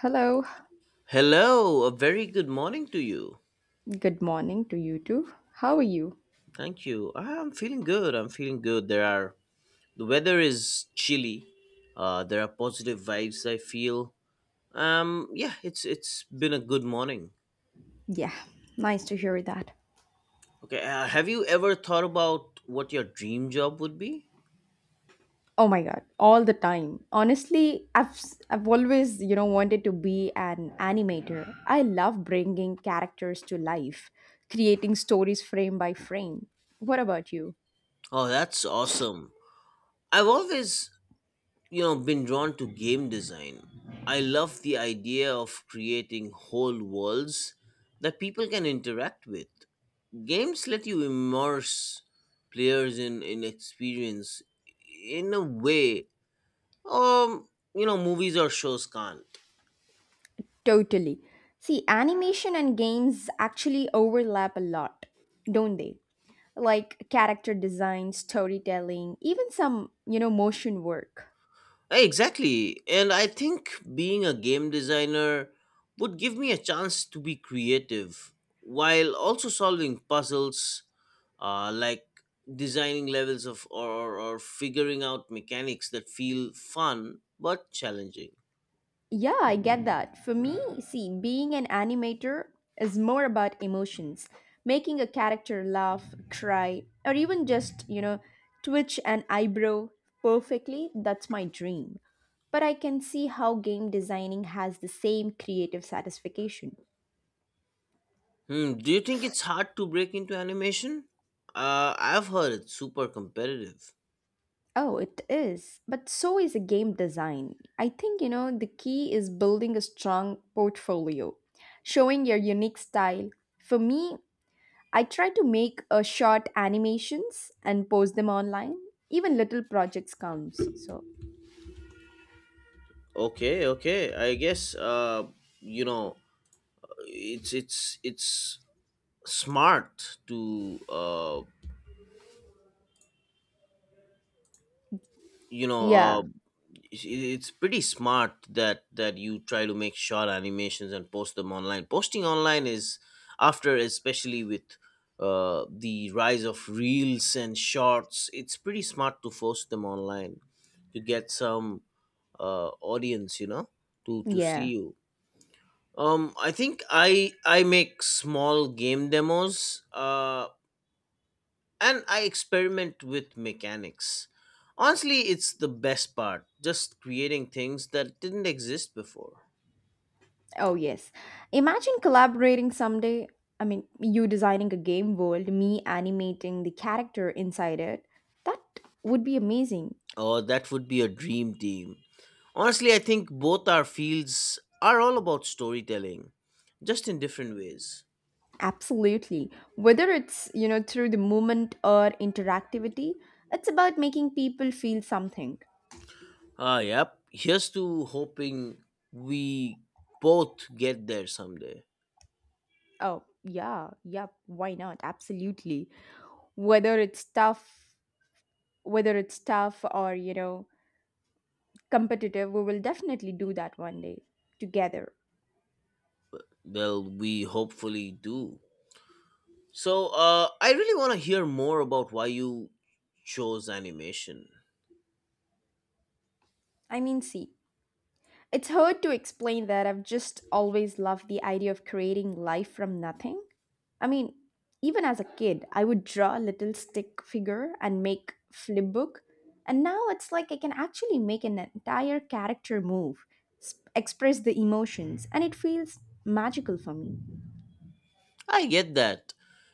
Hello. Hello, a very good morning to you. Good morning to you too. How are you? Thank you. I'm feeling good. I'm feeling good. The weather is chilly. There are positive vibes, I feel. Yeah, it's been a good morning. Yeah, nice to hear that. Okay, have you ever thought about what your dream job would be? Oh my god, all the time. Honestly, I've always, you know, wanted to be an animator. I love bringing characters to life, creating stories frame by frame. What about you? Oh, that's awesome. I've always, you know, been drawn to game design. I love the idea of creating whole worlds that people can interact with. Games let you immerse players in experience in a way, um you know, movies or shows can't. Totally. See, animation and games actually overlap a lot, don't they? Like character design, storytelling, even some, you know, motion work. Exactly. And I think being a game designer would give me a chance to be creative while also solving puzzles, like designing levels of or figuring out mechanics that feel fun but challenging. Yeah, I get that. For me, see, being an animator is more about emotions, making a character laugh, cry, or even just, you know, twitch an eyebrow perfectly. That's my dream. But I can see how game designing has the same creative satisfaction. Hmm, do you think it's hard to break into animation? I've heard it's super competitive. Oh, it is. But so is a game design. I think, you know, the key is building a strong portfolio, showing your unique style. For me, I try to make short animations and post them online. Even little projects counts. So, Okay, okay. I guess you know, it's smart to uh, you know, yeah. uh, it's pretty smart that you try to make short animations and post them online. Posting online is after, especially with, the rise of reels and shorts, it's pretty smart to post them online to get some, audience, you know, to see Yeah. you. Um i think i i make small game demos, and I experiment with mechanics. Honestly, it's the best part, just creating things that didn't exist before. Oh, yes. Imagine collaborating someday. I mean, you designing a game world, me animating the character inside it. That would be amazing. Oh, that would be a dream team. Honestly, I think both our fields are all about storytelling, just in different ways. Absolutely. Whether it's, you know, through the movement or interactivity, it's about making people feel something. Yep, here's to hoping we both get there someday. Oh, yeah. Yep. Why not? Absolutely. Whether it's tough whether it's tough or, you know, competitive, we will definitely do that one day together. Well, we hopefully do. So, I really want to hear more about why you chose animation. I mean, see, it's hard to explain that I've just always loved the idea of creating life from nothing. I mean, even as a kid, I would draw a little stick figure and make flipbook, and now it's like I can actually make an entire character move, express the emotions, and it feels magical for me. I get that.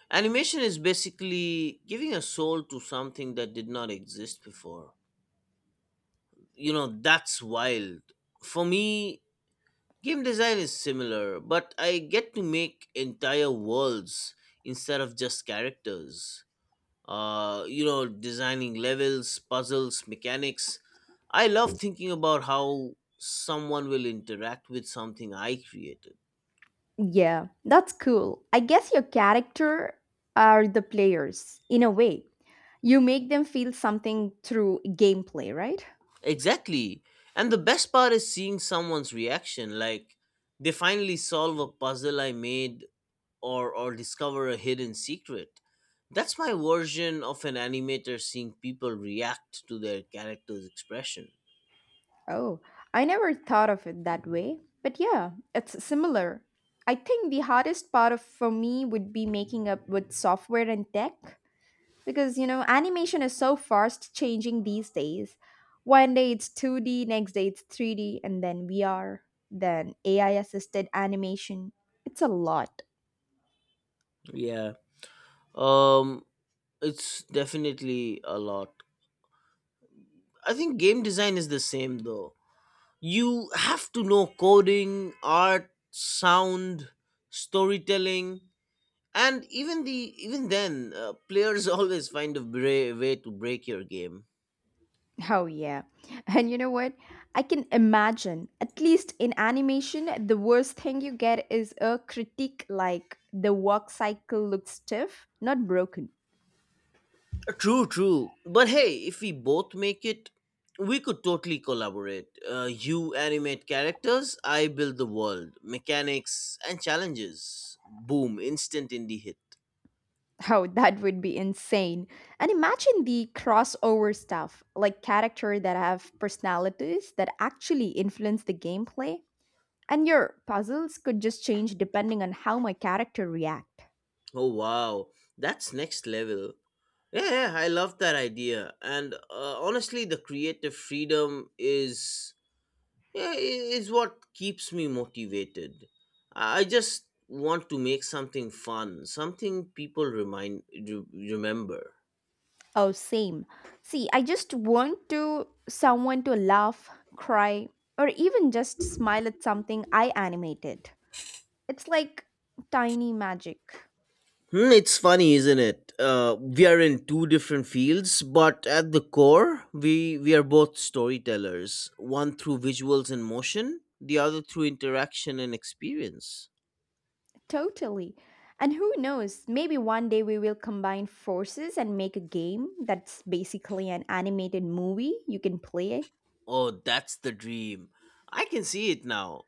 Animation is basically giving a soul to something that did not exist before. You know, that's wild. For me, game design is similar, but I get to make entire worlds instead of just characters. You know, designing levels, puzzles, mechanics. I love thinking about how someone will interact with something I created. Yeah, that's cool. I guess your character are the players in a way. You make them feel something through gameplay, right? Exactly. And the best part is seeing someone's reaction. Like, they finally solve a puzzle I made or discover a hidden secret. That's my version of an animator seeing people react to their character's expression. Oh, I never thought of it that way. But yeah, it's similar. I think the hardest part of, for me would be making up with software and tech because, you know, animation is so fast changing these days. One day it's 2D, next day it's 3D, and then VR, then AI assisted animation. It's a lot. Yeah. Um, it's definitely a lot. I think game design is the same though. You have to know coding, art, sound, storytelling, and even then, players always find a way to break your game. Oh, yeah. And you know what? I can imagine, at least in animation, the worst thing you get is a critique like the work cycle looks stiff, not broken. True, true. But hey, if we both make it, we could totally collaborate. You animate characters, I build the world, mechanics, and challenges. Boom! Instant indie hit. Oh, that would be insane. And imagine the crossover stuff, like character that have personalities that actually influence the gameplay. And your puzzles could just change depending on how my character react. Oh wow, that's next level. Yeah, yeah, I love that idea. And honestly, the creative freedom is, yeah, is what keeps me motivated. I just want to make something fun, something people remember. Oh, same. See, I just want to someone to laugh, cry, or even just smile at something I animated. It's like tiny magic. Hmm, it's funny, isn't it? We are in two different fields, but at the core, we are both storytellers. One through visuals and motion, the other through interaction and experience. Totally. And who knows, maybe one day we will combine forces and make a game that's basically an animated movie you can play. Oh, that's the dream. I can see it now.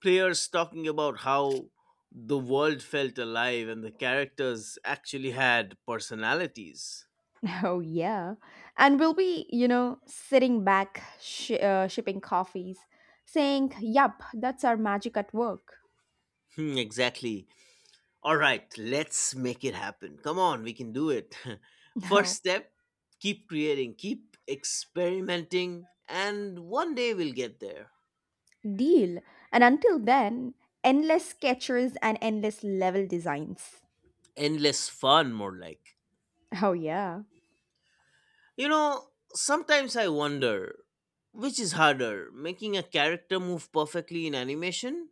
Players talking about how the world felt alive and the characters actually had personalities. Oh, yeah. And we'll be, you know, sitting back, shipping coffees, saying, "Yup, that's our magic at work." Hmm, exactly. All right, let's make it happen. Come on, we can do it. First No. step, keep creating, keep experimenting, and one day we'll get there. Deal. And until then, endless sketchers and endless level designs. Endless fun, more like. Oh, yeah. You know, sometimes I wonder which is harder, making a character move perfectly in animation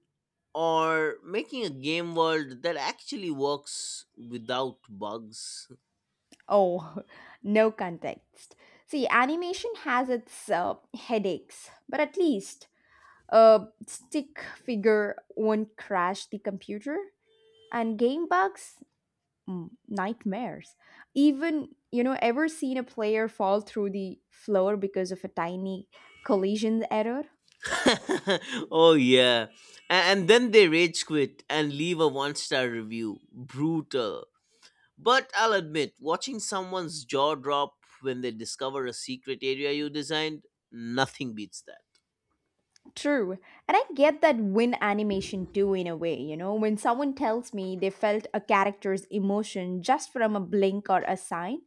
or making a game world that actually works without bugs. Oh, no context. See, animation has its headaches, but at least a stick figure won't crash the computer. And game bugs, mm, nightmares. Even, you know, ever seen a player fall through the floor because of a tiny collision error? Oh, yeah. And then they rage quit and leave a one star review. Brutal. But I'll admit, watching someone's jaw drop when they discover a secret area you designed, nothing beats that. True. And I get that win animation too, in a way. You know, when someone tells me they felt a character's emotion just from a blink or a sign,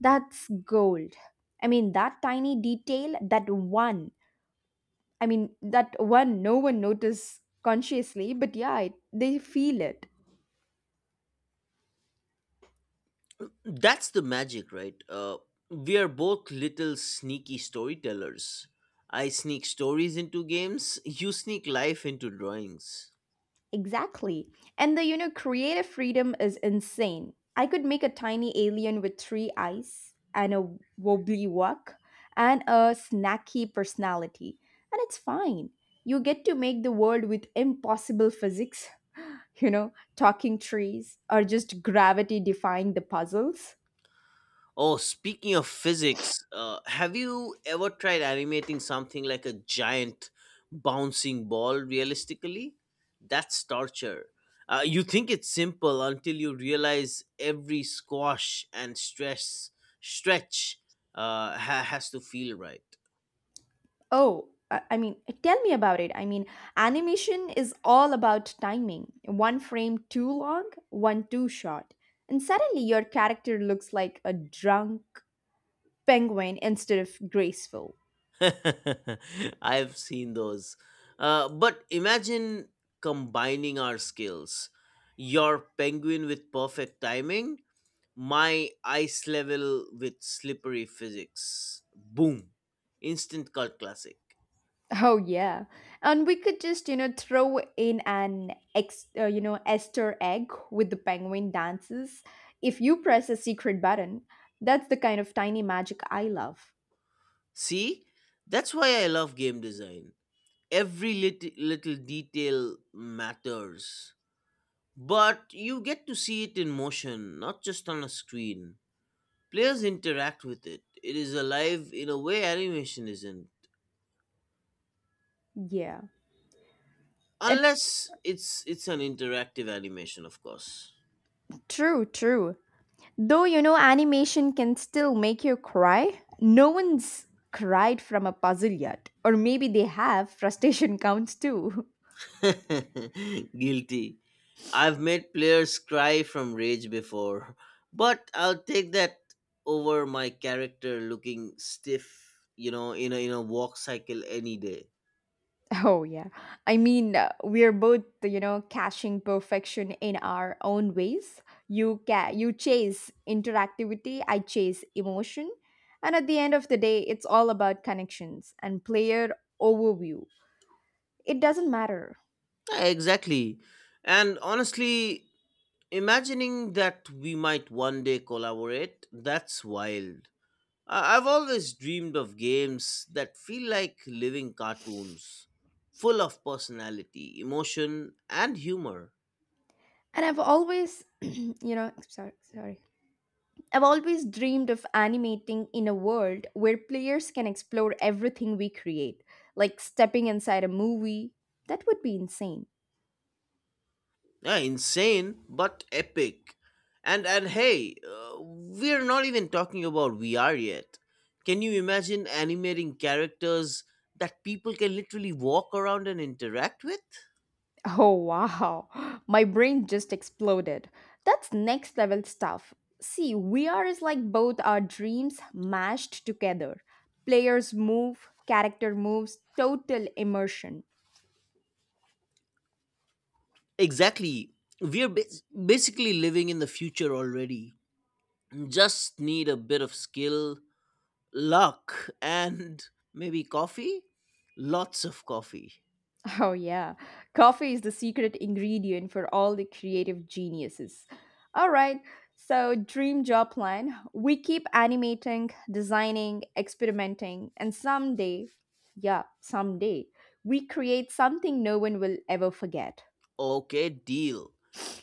that's gold. I mean, that tiny detail, that one, I mean, that one no one noticed consciously, but yeah, it, they feel it. That's the magic, right? We are both little sneaky storytellers. I sneak stories into games, you sneak life into drawings. Exactly. And the, you know, creative freedom is insane. I could make a tiny alien with three eyes and a wobbly walk and a snacky personality. And it's fine. You get to make the world with impossible physics, you know, talking trees or just gravity defying the puzzles. Oh, speaking of physics, have you ever tried animating something like a giant bouncing ball realistically? That's torture. You think it's simple until you realize every squash and stress stretch, has to feel right. Oh, I mean, tell me about it. I mean, animation is all about timing. One frame too long, one too short. And suddenly your character looks like a drunk penguin instead of graceful. I've seen those. But imagine combining our skills. Your penguin with perfect timing, my ice level with slippery physics. Boom. Instant cult classic. Oh yeah. And we could just, you know, throw in an you know, Easter egg with the penguin dances. If you press a secret button, that's the kind of tiny magic I love. See? That's why I love game design. Every little detail matters. But you get to see it in motion, not just on a screen. Players interact with it. It is alive in a way animation isn't. Yeah. It's Unless it's an interactive animation, of course. true, true. Though you know animation can still make you cry, no one's cried from a puzzle yet. Or maybe they have, frustration counts too. Guilty. I've made players cry from rage before, but I'll take that over my character looking stiff, you know, in a walk cycle any day. Oh, yeah. I mean, we're both, you know, caching perfection in our own ways. You chase interactivity, I chase emotion. And at the end of the day, it's all about connections and player overview. It doesn't matter. Yeah, exactly. And honestly, imagining that we might one day collaborate, that's wild. I've always dreamed of games that feel like living cartoons, full of personality, emotion, and humor. And I've always, you know, sorry, sorry. I've always dreamed of animating in a world where players can explore everything we create, like stepping inside a movie. That would be insane. Yeah, insane, but epic. And hey, we're not even talking about VR yet. Can you imagine animating characters that people can literally walk around and interact with? Oh wow, my brain just exploded. That's next level stuff. See, VR is like both our dreams mashed together. Players move, character moves, total immersion. Exactly. We're basically living in the future already. Just need a bit of skill, luck, and maybe coffee, lots of coffee. Oh, yeah. Coffee is the secret ingredient for all the creative geniuses. All right. So, dream job plan. We keep animating, designing, experimenting, and someday, yeah, someday, we create something no one will ever forget. Okay, deal.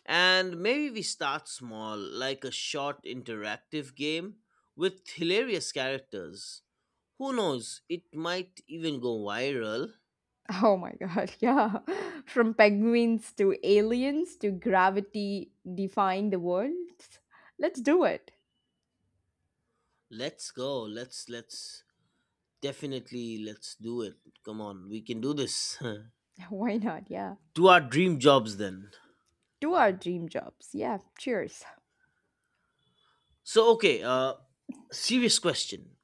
And maybe we start small, like a short interactive game with hilarious characters. Who knows, it might even go viral. Oh my God, yeah. From penguins to aliens to gravity defying the world. Let's do it. Let's go, let's definitely, let's do it. Come on, we can do this. Why not? Yeah. To our dream jobs then. Do our dream jobs. Yeah. Cheers. So okay, serious question: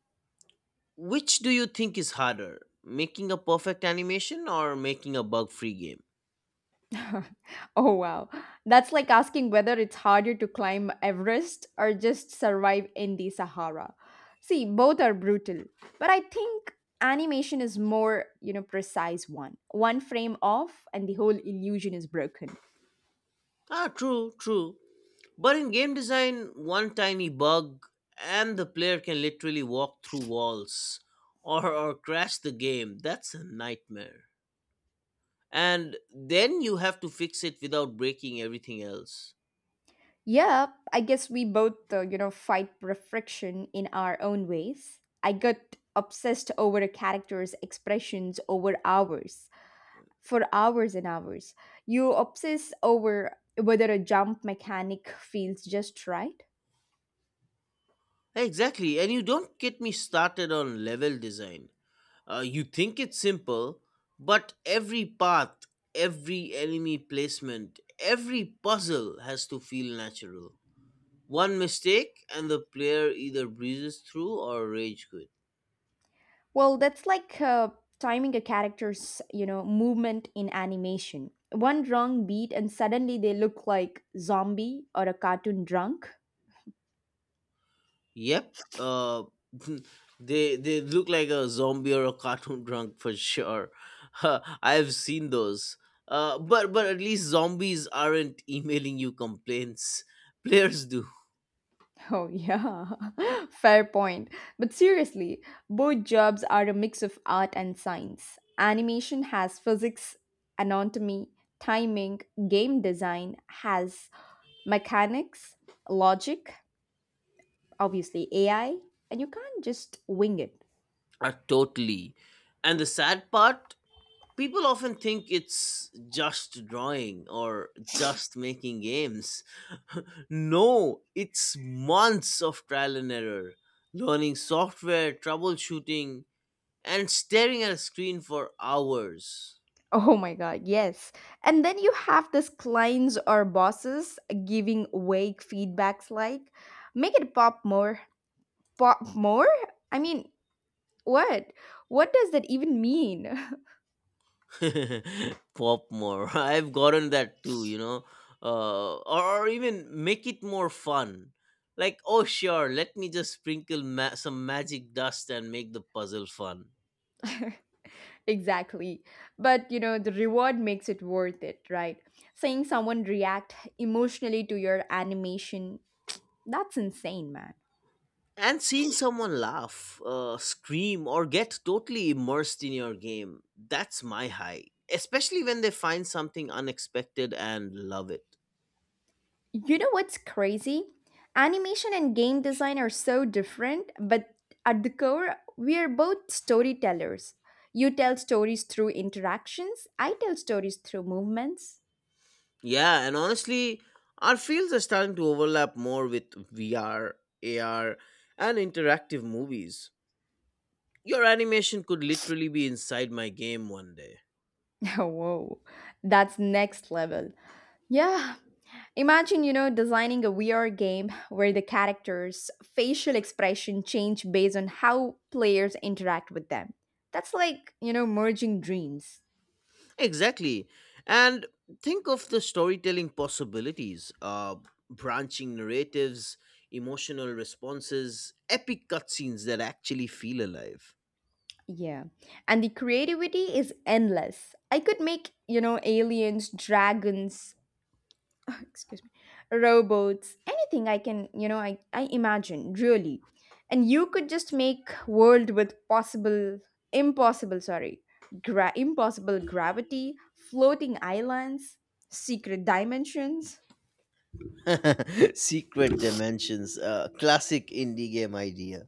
which do you think is harder, making a perfect animation or making a bug free game? Oh wow. That's like asking whether it's harder to climb Everest or just survive in the Sahara. See, both are brutal, but I think animation is more, you know, precise one. One frame off and the whole illusion is broken. Ah, true, true. But in game design, one tiny bug and the player can literally walk through walls or crash the game. That's a nightmare. And then you have to fix it without breaking everything else. Yeah, I guess we both, you know, fight refraction in our own ways. I got obsessed over a character's expressions over hours, for hours and hours. You obsess over whether a jump mechanic feels just right. Exactly, and you don't get me started on level design. You think it's simple, but every path, every enemy placement, every puzzle has to feel natural. One mistake, and the player either breezes through or rage quit. Well, that's like timing a character's, you know, movement in animation. One wrong beat and suddenly they look like zombie or a cartoon drunk. Yep, they look like a zombie or a cartoon drunk for sure. I've seen those. But at least zombies aren't emailing you complaints. Players do. Oh yeah. Fair point. But seriously, both jobs are a mix of art and science. Animation has physics, anatomy, timing, game design has mechanics, logic, obviously AI, and you can't just wing it. Totally. And the sad part: people often think it's just drawing or just making games. No, it's months of trial and error, learning software, troubleshooting, and staring at a screen for hours. Oh my god, yes. And then you have these clients or bosses giving vague feedbacks like, "Make it pop more." Pop more? I mean, what? What does that even mean? Pop more. I've gotten that too, you know. Or even make it more fun. Like, oh, sure, let me just sprinkle some magic dust and make the puzzle fun. Exactly. But you know, the reward makes it worth it, right? Seeing someone react emotionally to your animation, that's insane, man. And seeing someone laugh, scream, or get totally immersed in your game, that's my high. Especially when they find something unexpected and love it. You know what's crazy? Animation and game design are so different, but at the core, we are both storytellers. You tell stories through interactions, I tell stories through movements. Yeah, and honestly, our fields are starting to overlap more with VR, AR, and interactive movies. Your animation could literally be inside my game one day. Whoa, that's next level. Yeah, imagine, you know, designing a VR game where the characters' facial expression change based on how players interact with them. That's like, you know, merging dreams. Exactly. And think of the storytelling possibilities, branching narratives, emotional responses, epic cutscenes that actually feel alive. Yeah. And the creativity is endless. I could make, you know, aliens, dragons, excuse me, robots, anything I can, you know, I imagine, really. And you could just make world with possible impossible, sorry, impossible gravity, floating islands, secret dimensions. Secret dimensions, classic indie game idea.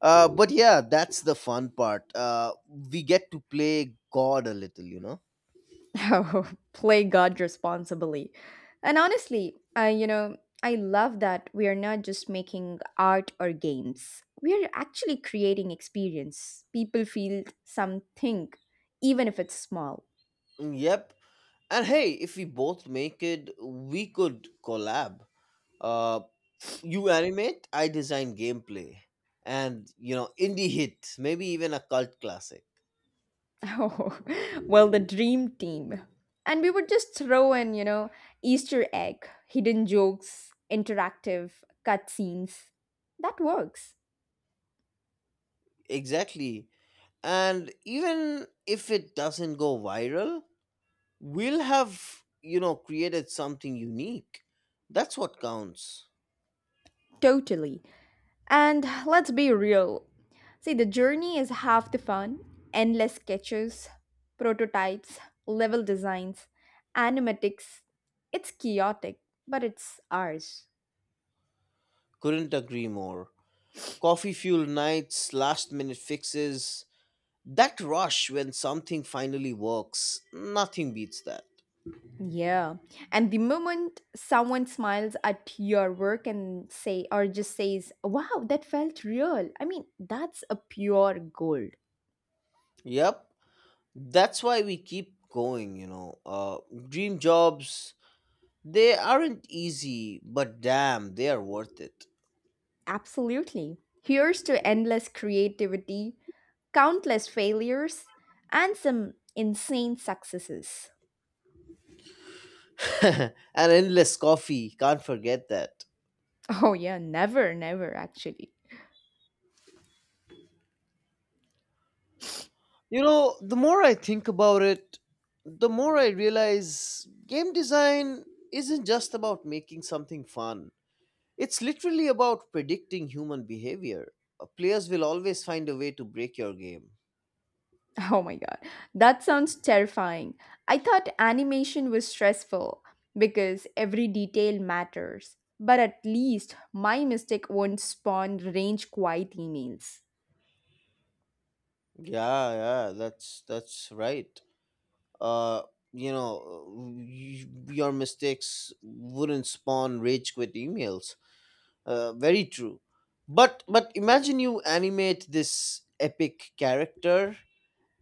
But yeah, that's the fun part. We get to play God a little, you know? Oh, play God responsibly. And honestly, I love that we are not just making art or games. We are actually creating experience. People feel something, even if it's small. Yep. And hey, if we both make it, we could collab. Uh, you animate, I design gameplay, and you know, indie hit, maybe even a cult classic. Oh, well, the dream team. And we would just throw in, you know, Easter egg, hidden jokes, interactive cutscenes. That works Exactly. And even if it doesn't go viral, we'll have, you know, created something unique. That's what counts. totally. And let's be real. See, the journey is half the fun. Endless sketches, prototypes, level designs, animatics. It's chaotic, but it's ours. Couldn't agree more. Coffee fuel nights, last minute fixes, that rush when something finally works, nothing beats that. Yeah. And the moment someone smiles at your work and say or just says, "Wow, that felt real." I mean, that's a pure gold. Yep, that's why we keep going, you know. Dream jobs, they aren't easy, but damn, they are worth it. Absolutely. Here's to endless creativity, countless failures, and some insane successes. And endless coffee, can't forget that. Oh, yeah, never, never, actually. You know, the more I think about it, the more I realize game design isn't just about making something fun. It's literally about predicting human behavior. Players will always find a way to break your game. Oh my god, that sounds terrifying. I thought animation was stressful because every detail matters, but at least my mistake won't spawn range quiet emails. Yeah, yeah, that's right. Uh, you know, your mistakes wouldn't spawn rage quit emails. Very true. But imagine you animate this epic character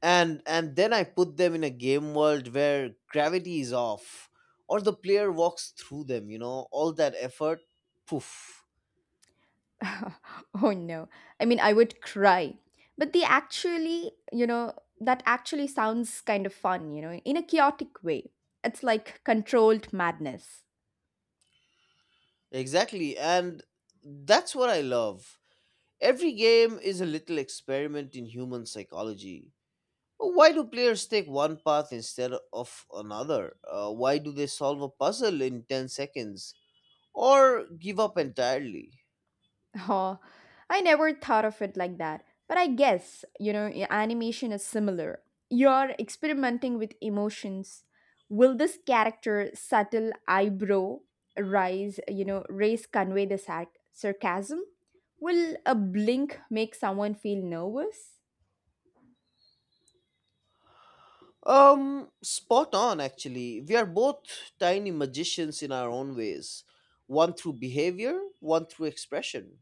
and then I put them in a game world where gravity is off or the player walks through them, you know, all that effort, poof. Oh no. I mean, I would cry. But the actually, you know, that actually sounds kind of fun, you know, in a chaotic way. It's like controlled madness. Exactly. And that's what I love. Every game is a little experiment in human psychology. Why do players take one path instead of another? Why do they solve a puzzle in 10 seconds, or give up entirely? Oh, I never thought of it like that. But I guess, you know, animation is similar. You're experimenting with emotions. Will this character subtle eyebrow rise, you know, raise convey the sarcasm? Will a blink make someone feel nervous? Spot on actually. We are both tiny magicians in our own ways, one through behavior, one through expression.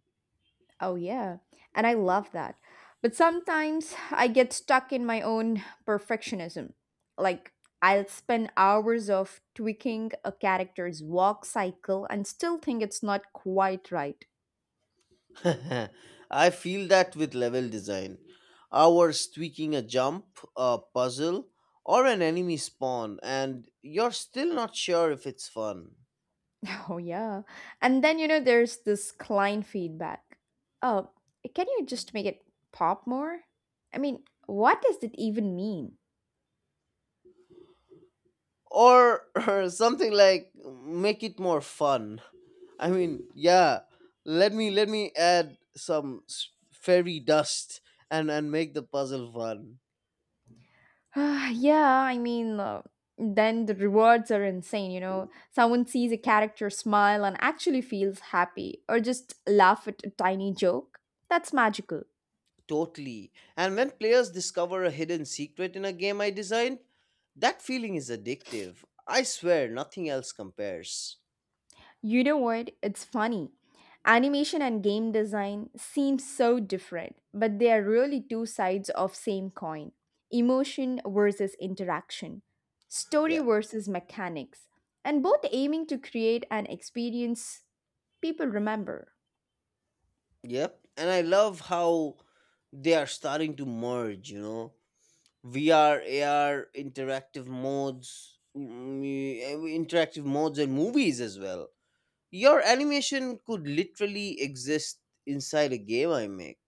Oh, yeah. And I love that. But sometimes I get stuck in my own perfectionism. Like, I'll spend hours of tweaking a character's walk cycle and still think it's not quite right. I feel that with level design. Ours tweaking a jump, a puzzle, or an enemy spawn, and you're still not sure if it's fun. Oh, yeah. And then, you know, there's this client feedback. Oh, can you just make it pop more? I mean, what does that even mean? Or something like make it more fun. I mean, yeah. Let me add some fairy dust and make the puzzle fun. Ah, yeah, I mean, then the rewards are insane, you know. Someone sees a character smile and actually feels happy, or just laugh at a tiny joke. That's magical. Totally. And when players discover a hidden secret in a game I designed, that feeling is addictive. I swear, nothing else compares. You know what? It's funny. Animation and game design seem so different, but they are really two sides of same coin. Emotion versus interaction, story Yeah. versus mechanics, and both aiming to create an experience people remember. Yep. And I love how they are starting to merge. VR, AR, interactive modes, and movies as well. Your animation could literally exist inside a game I make.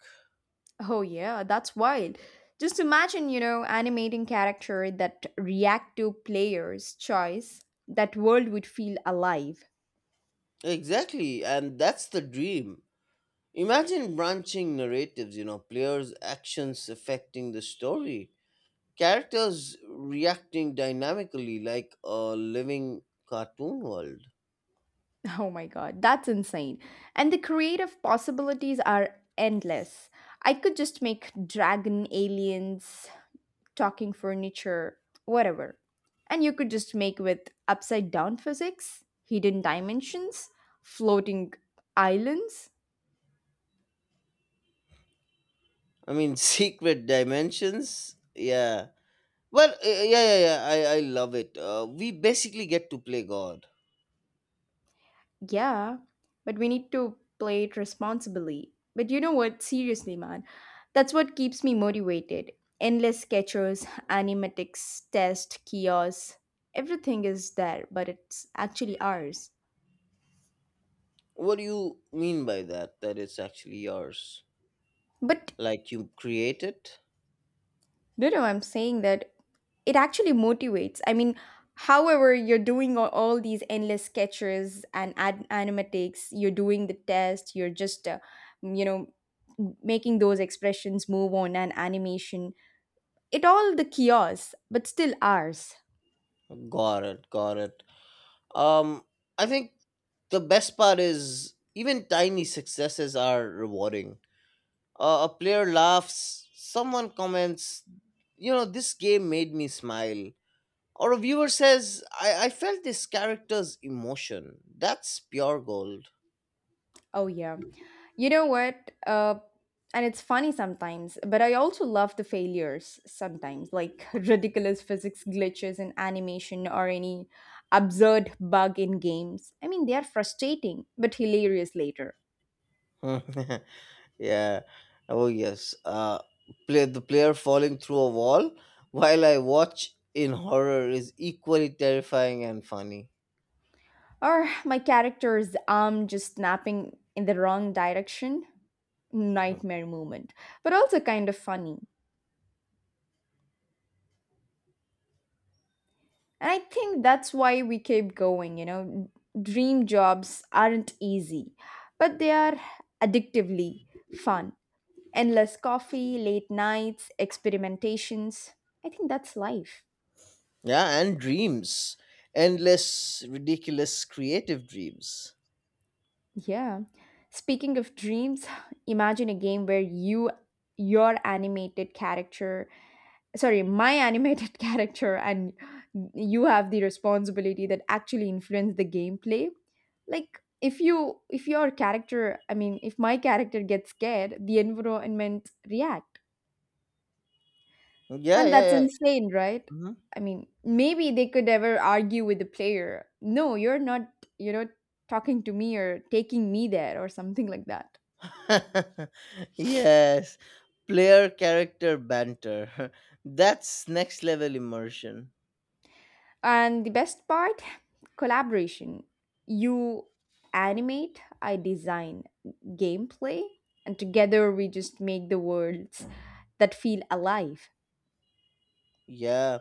Oh yeah, that's wild. Just imagine, animating character that react to players' choice. That world would feel alive. Exactly, and that's the dream. Imagine branching narratives, you know, players' actions affecting the story, characters reacting dynamically like a living cartoon world. Oh my god, that's insane. And the creative possibilities are endless. I could just make dragon aliens, talking furniture, whatever. And you could just make with upside down physics, hidden dimensions, floating islands. Secret dimensions, yeah. Well, uh, yeah, yeah, I love it. We basically get to play God. Yeah, but we need to play it responsibly. But you know what? Seriously, man, that's what keeps me motivated. Endless sketchers, animatics, test, kiosks, everything is there, but it's actually ours. What do you mean by that? That it's actually yours? But Like you create it. no, no, I'm saying that it actually motivates. I mean, however, you're doing all these endless sketches and animatics, you're doing the test, you're just, you know, making those expressions move on and animation. It all the kiosks, but still ours. Got it. um I think the best part is even tiny successes are rewarding. A player laughs, someone comments, this game made me smile, or a viewer says, I felt this character's emotion. That's pure gold. Oh yeah. You know what? And it's funny sometimes, but I also love the failures sometimes, like ridiculous physics glitches in animation or any absurd bug in games. I mean, they are frustrating, but hilarious later. Yeah. Oh yes. Play the player falling through a wall while I watch in horror is equally terrifying and funny. Or my character's arm just snapping in the wrong direction. Huh. Nightmare moment, but also kind of funny. And I think that's why we keep going, you know. Dream jobs aren't easy, but they are addictively fun. Endless coffee, late nights, experimentations. I think that's life. Yeah, and dreams, endless, ridiculous, creative dreams. Yeah. Speaking of dreams, imagine a game where you your animated character, sorry, my animated character, and you have the responsibility that actually influence the gameplay. Like if you, if your character, I mean, if my character gets scared, the environment react, Yeah, and yeah, that's yeah. insane, right? Mhm. I mean, maybe they could ever argue with the player: no, you're not, you know, talking to me or taking me there or something like that. Yes, player character banter. That's next level immersion. And the best part, collaboration. You animate, I design gameplay, and together we just make the worlds that feel alive. Yeah.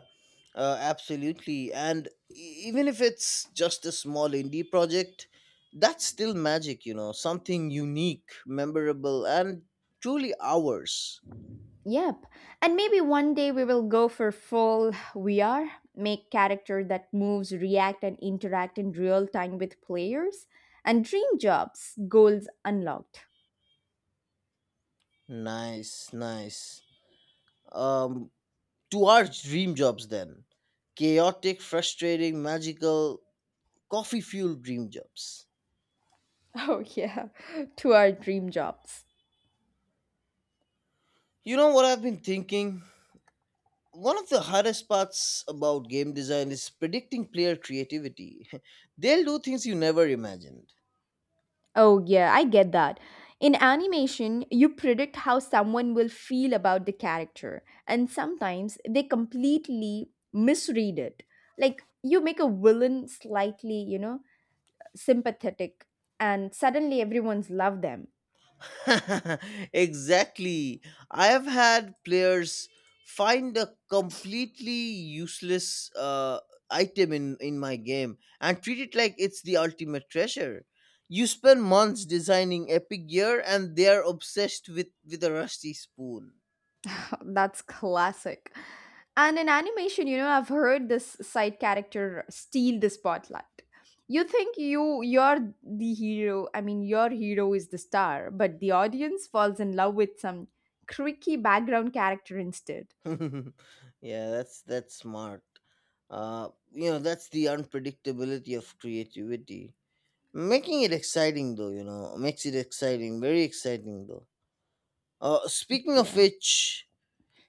Absolutely. And even if it's just a small indie project, that's still magic, you know, something unique, memorable, and truly ours. Yep. And maybe one day we will go for full VR, make character that moves, react and interact in real time with players and dream jobs, goals unlocked. Nice, nice. Um, to our dream jobs then: chaotic, frustrating, magical, coffee fueled dream jobs. Oh yeah, to our dream jobs. You know what I've been thinking? One of the hardest parts about game design is predicting player creativity. They'll do things you never imagined. Oh, yeah, I get that. In animation, you predict how someone will feel about the character, and sometimes they completely misread it. Like, you make a villain slightly, you know, sympathetic, and suddenly everyone's love them. Exactly. I have had players find a completely useless item in my game and treat it like it's the ultimate treasure. You spend months designing epic gear and they're obsessed with a rusty spoon. That's classic. And in animation, you know, I've heard this side character steal the spotlight. You think you're the hero. I mean, your hero is the star, but the audience falls in love with some creaky background character instead. Yeah, that's smart. That's the unpredictability of creativity. Making it exciting though, you know, Makes it exciting, very exciting though. Speaking of Yeah. which,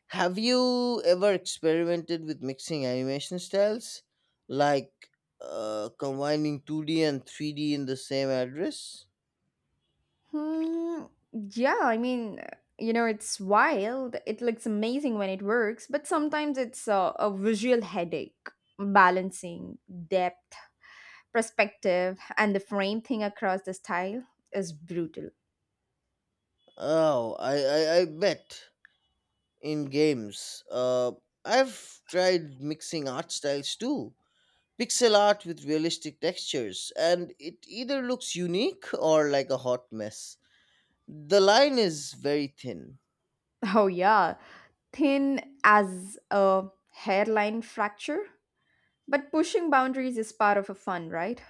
have you ever experimented with mixing animation styles, like combining 2D and 3D in the same address? Hmm. Yeah, I mean, you know, it's wild. It looks amazing when it works, but sometimes it's a visual headache balancing depth perspective and the frame thing across the style is brutal. Oh, I bet. In games, I've tried mixing art styles too. Pixel art with realistic textures, and it either looks unique or like a hot mess. The line is very thin. Oh, yeah, thin as a hairline fracture. But pushing boundaries is part of a fun, right?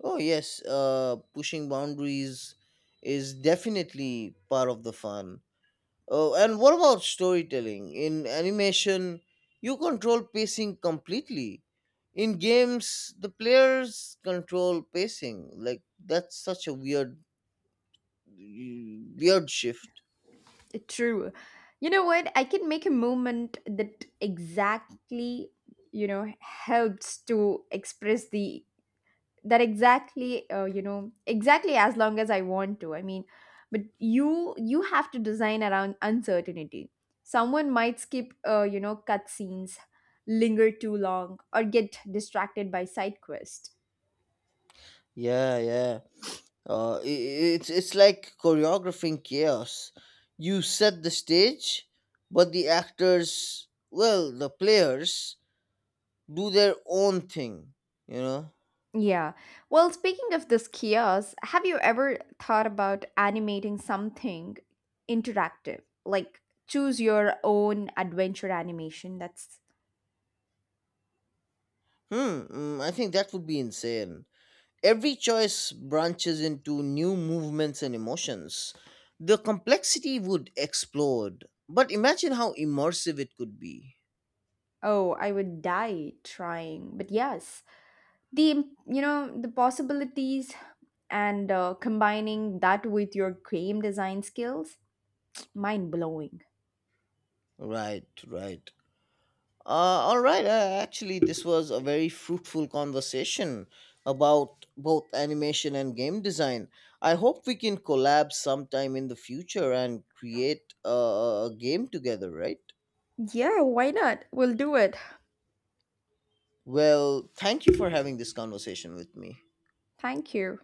Oh yes, pushing boundaries is definitely part of the fun. Oh, and what about storytelling? In animation, you control pacing completely. In games, the players control pacing. Like that's such a weird shift. True. You know what? I can make a movement that exactly, you know, helps to express the that exactly you know exactly as long as I want to. I mean, but you have to design around uncertainty. Someone might skip you know, cut scenes, linger too long or get distracted by side quest. Yeah, yeah. It's like choreographing chaos. You set the stage, but the actors, well, the players do their own thing, you know? Yeah. Well, speaking of this kiosk, have you ever thought about animating something interactive? Like choose your own adventure animation. That's Hmm, mm, I think that would be insane. Every choice branches into new movements and emotions. The complexity would explode. But imagine how immersive it could be. oh, I would die trying. But yes, the you know, the possibilities and combining that with your game design skills, mind blowing. Right, right. Uh, actually, this was a very fruitful conversation about both animation and game design. I hope we can collab sometime in the future and create a game together, right? Yeah, why not? We'll do it. Well, thank you for having this conversation with me. Thank you.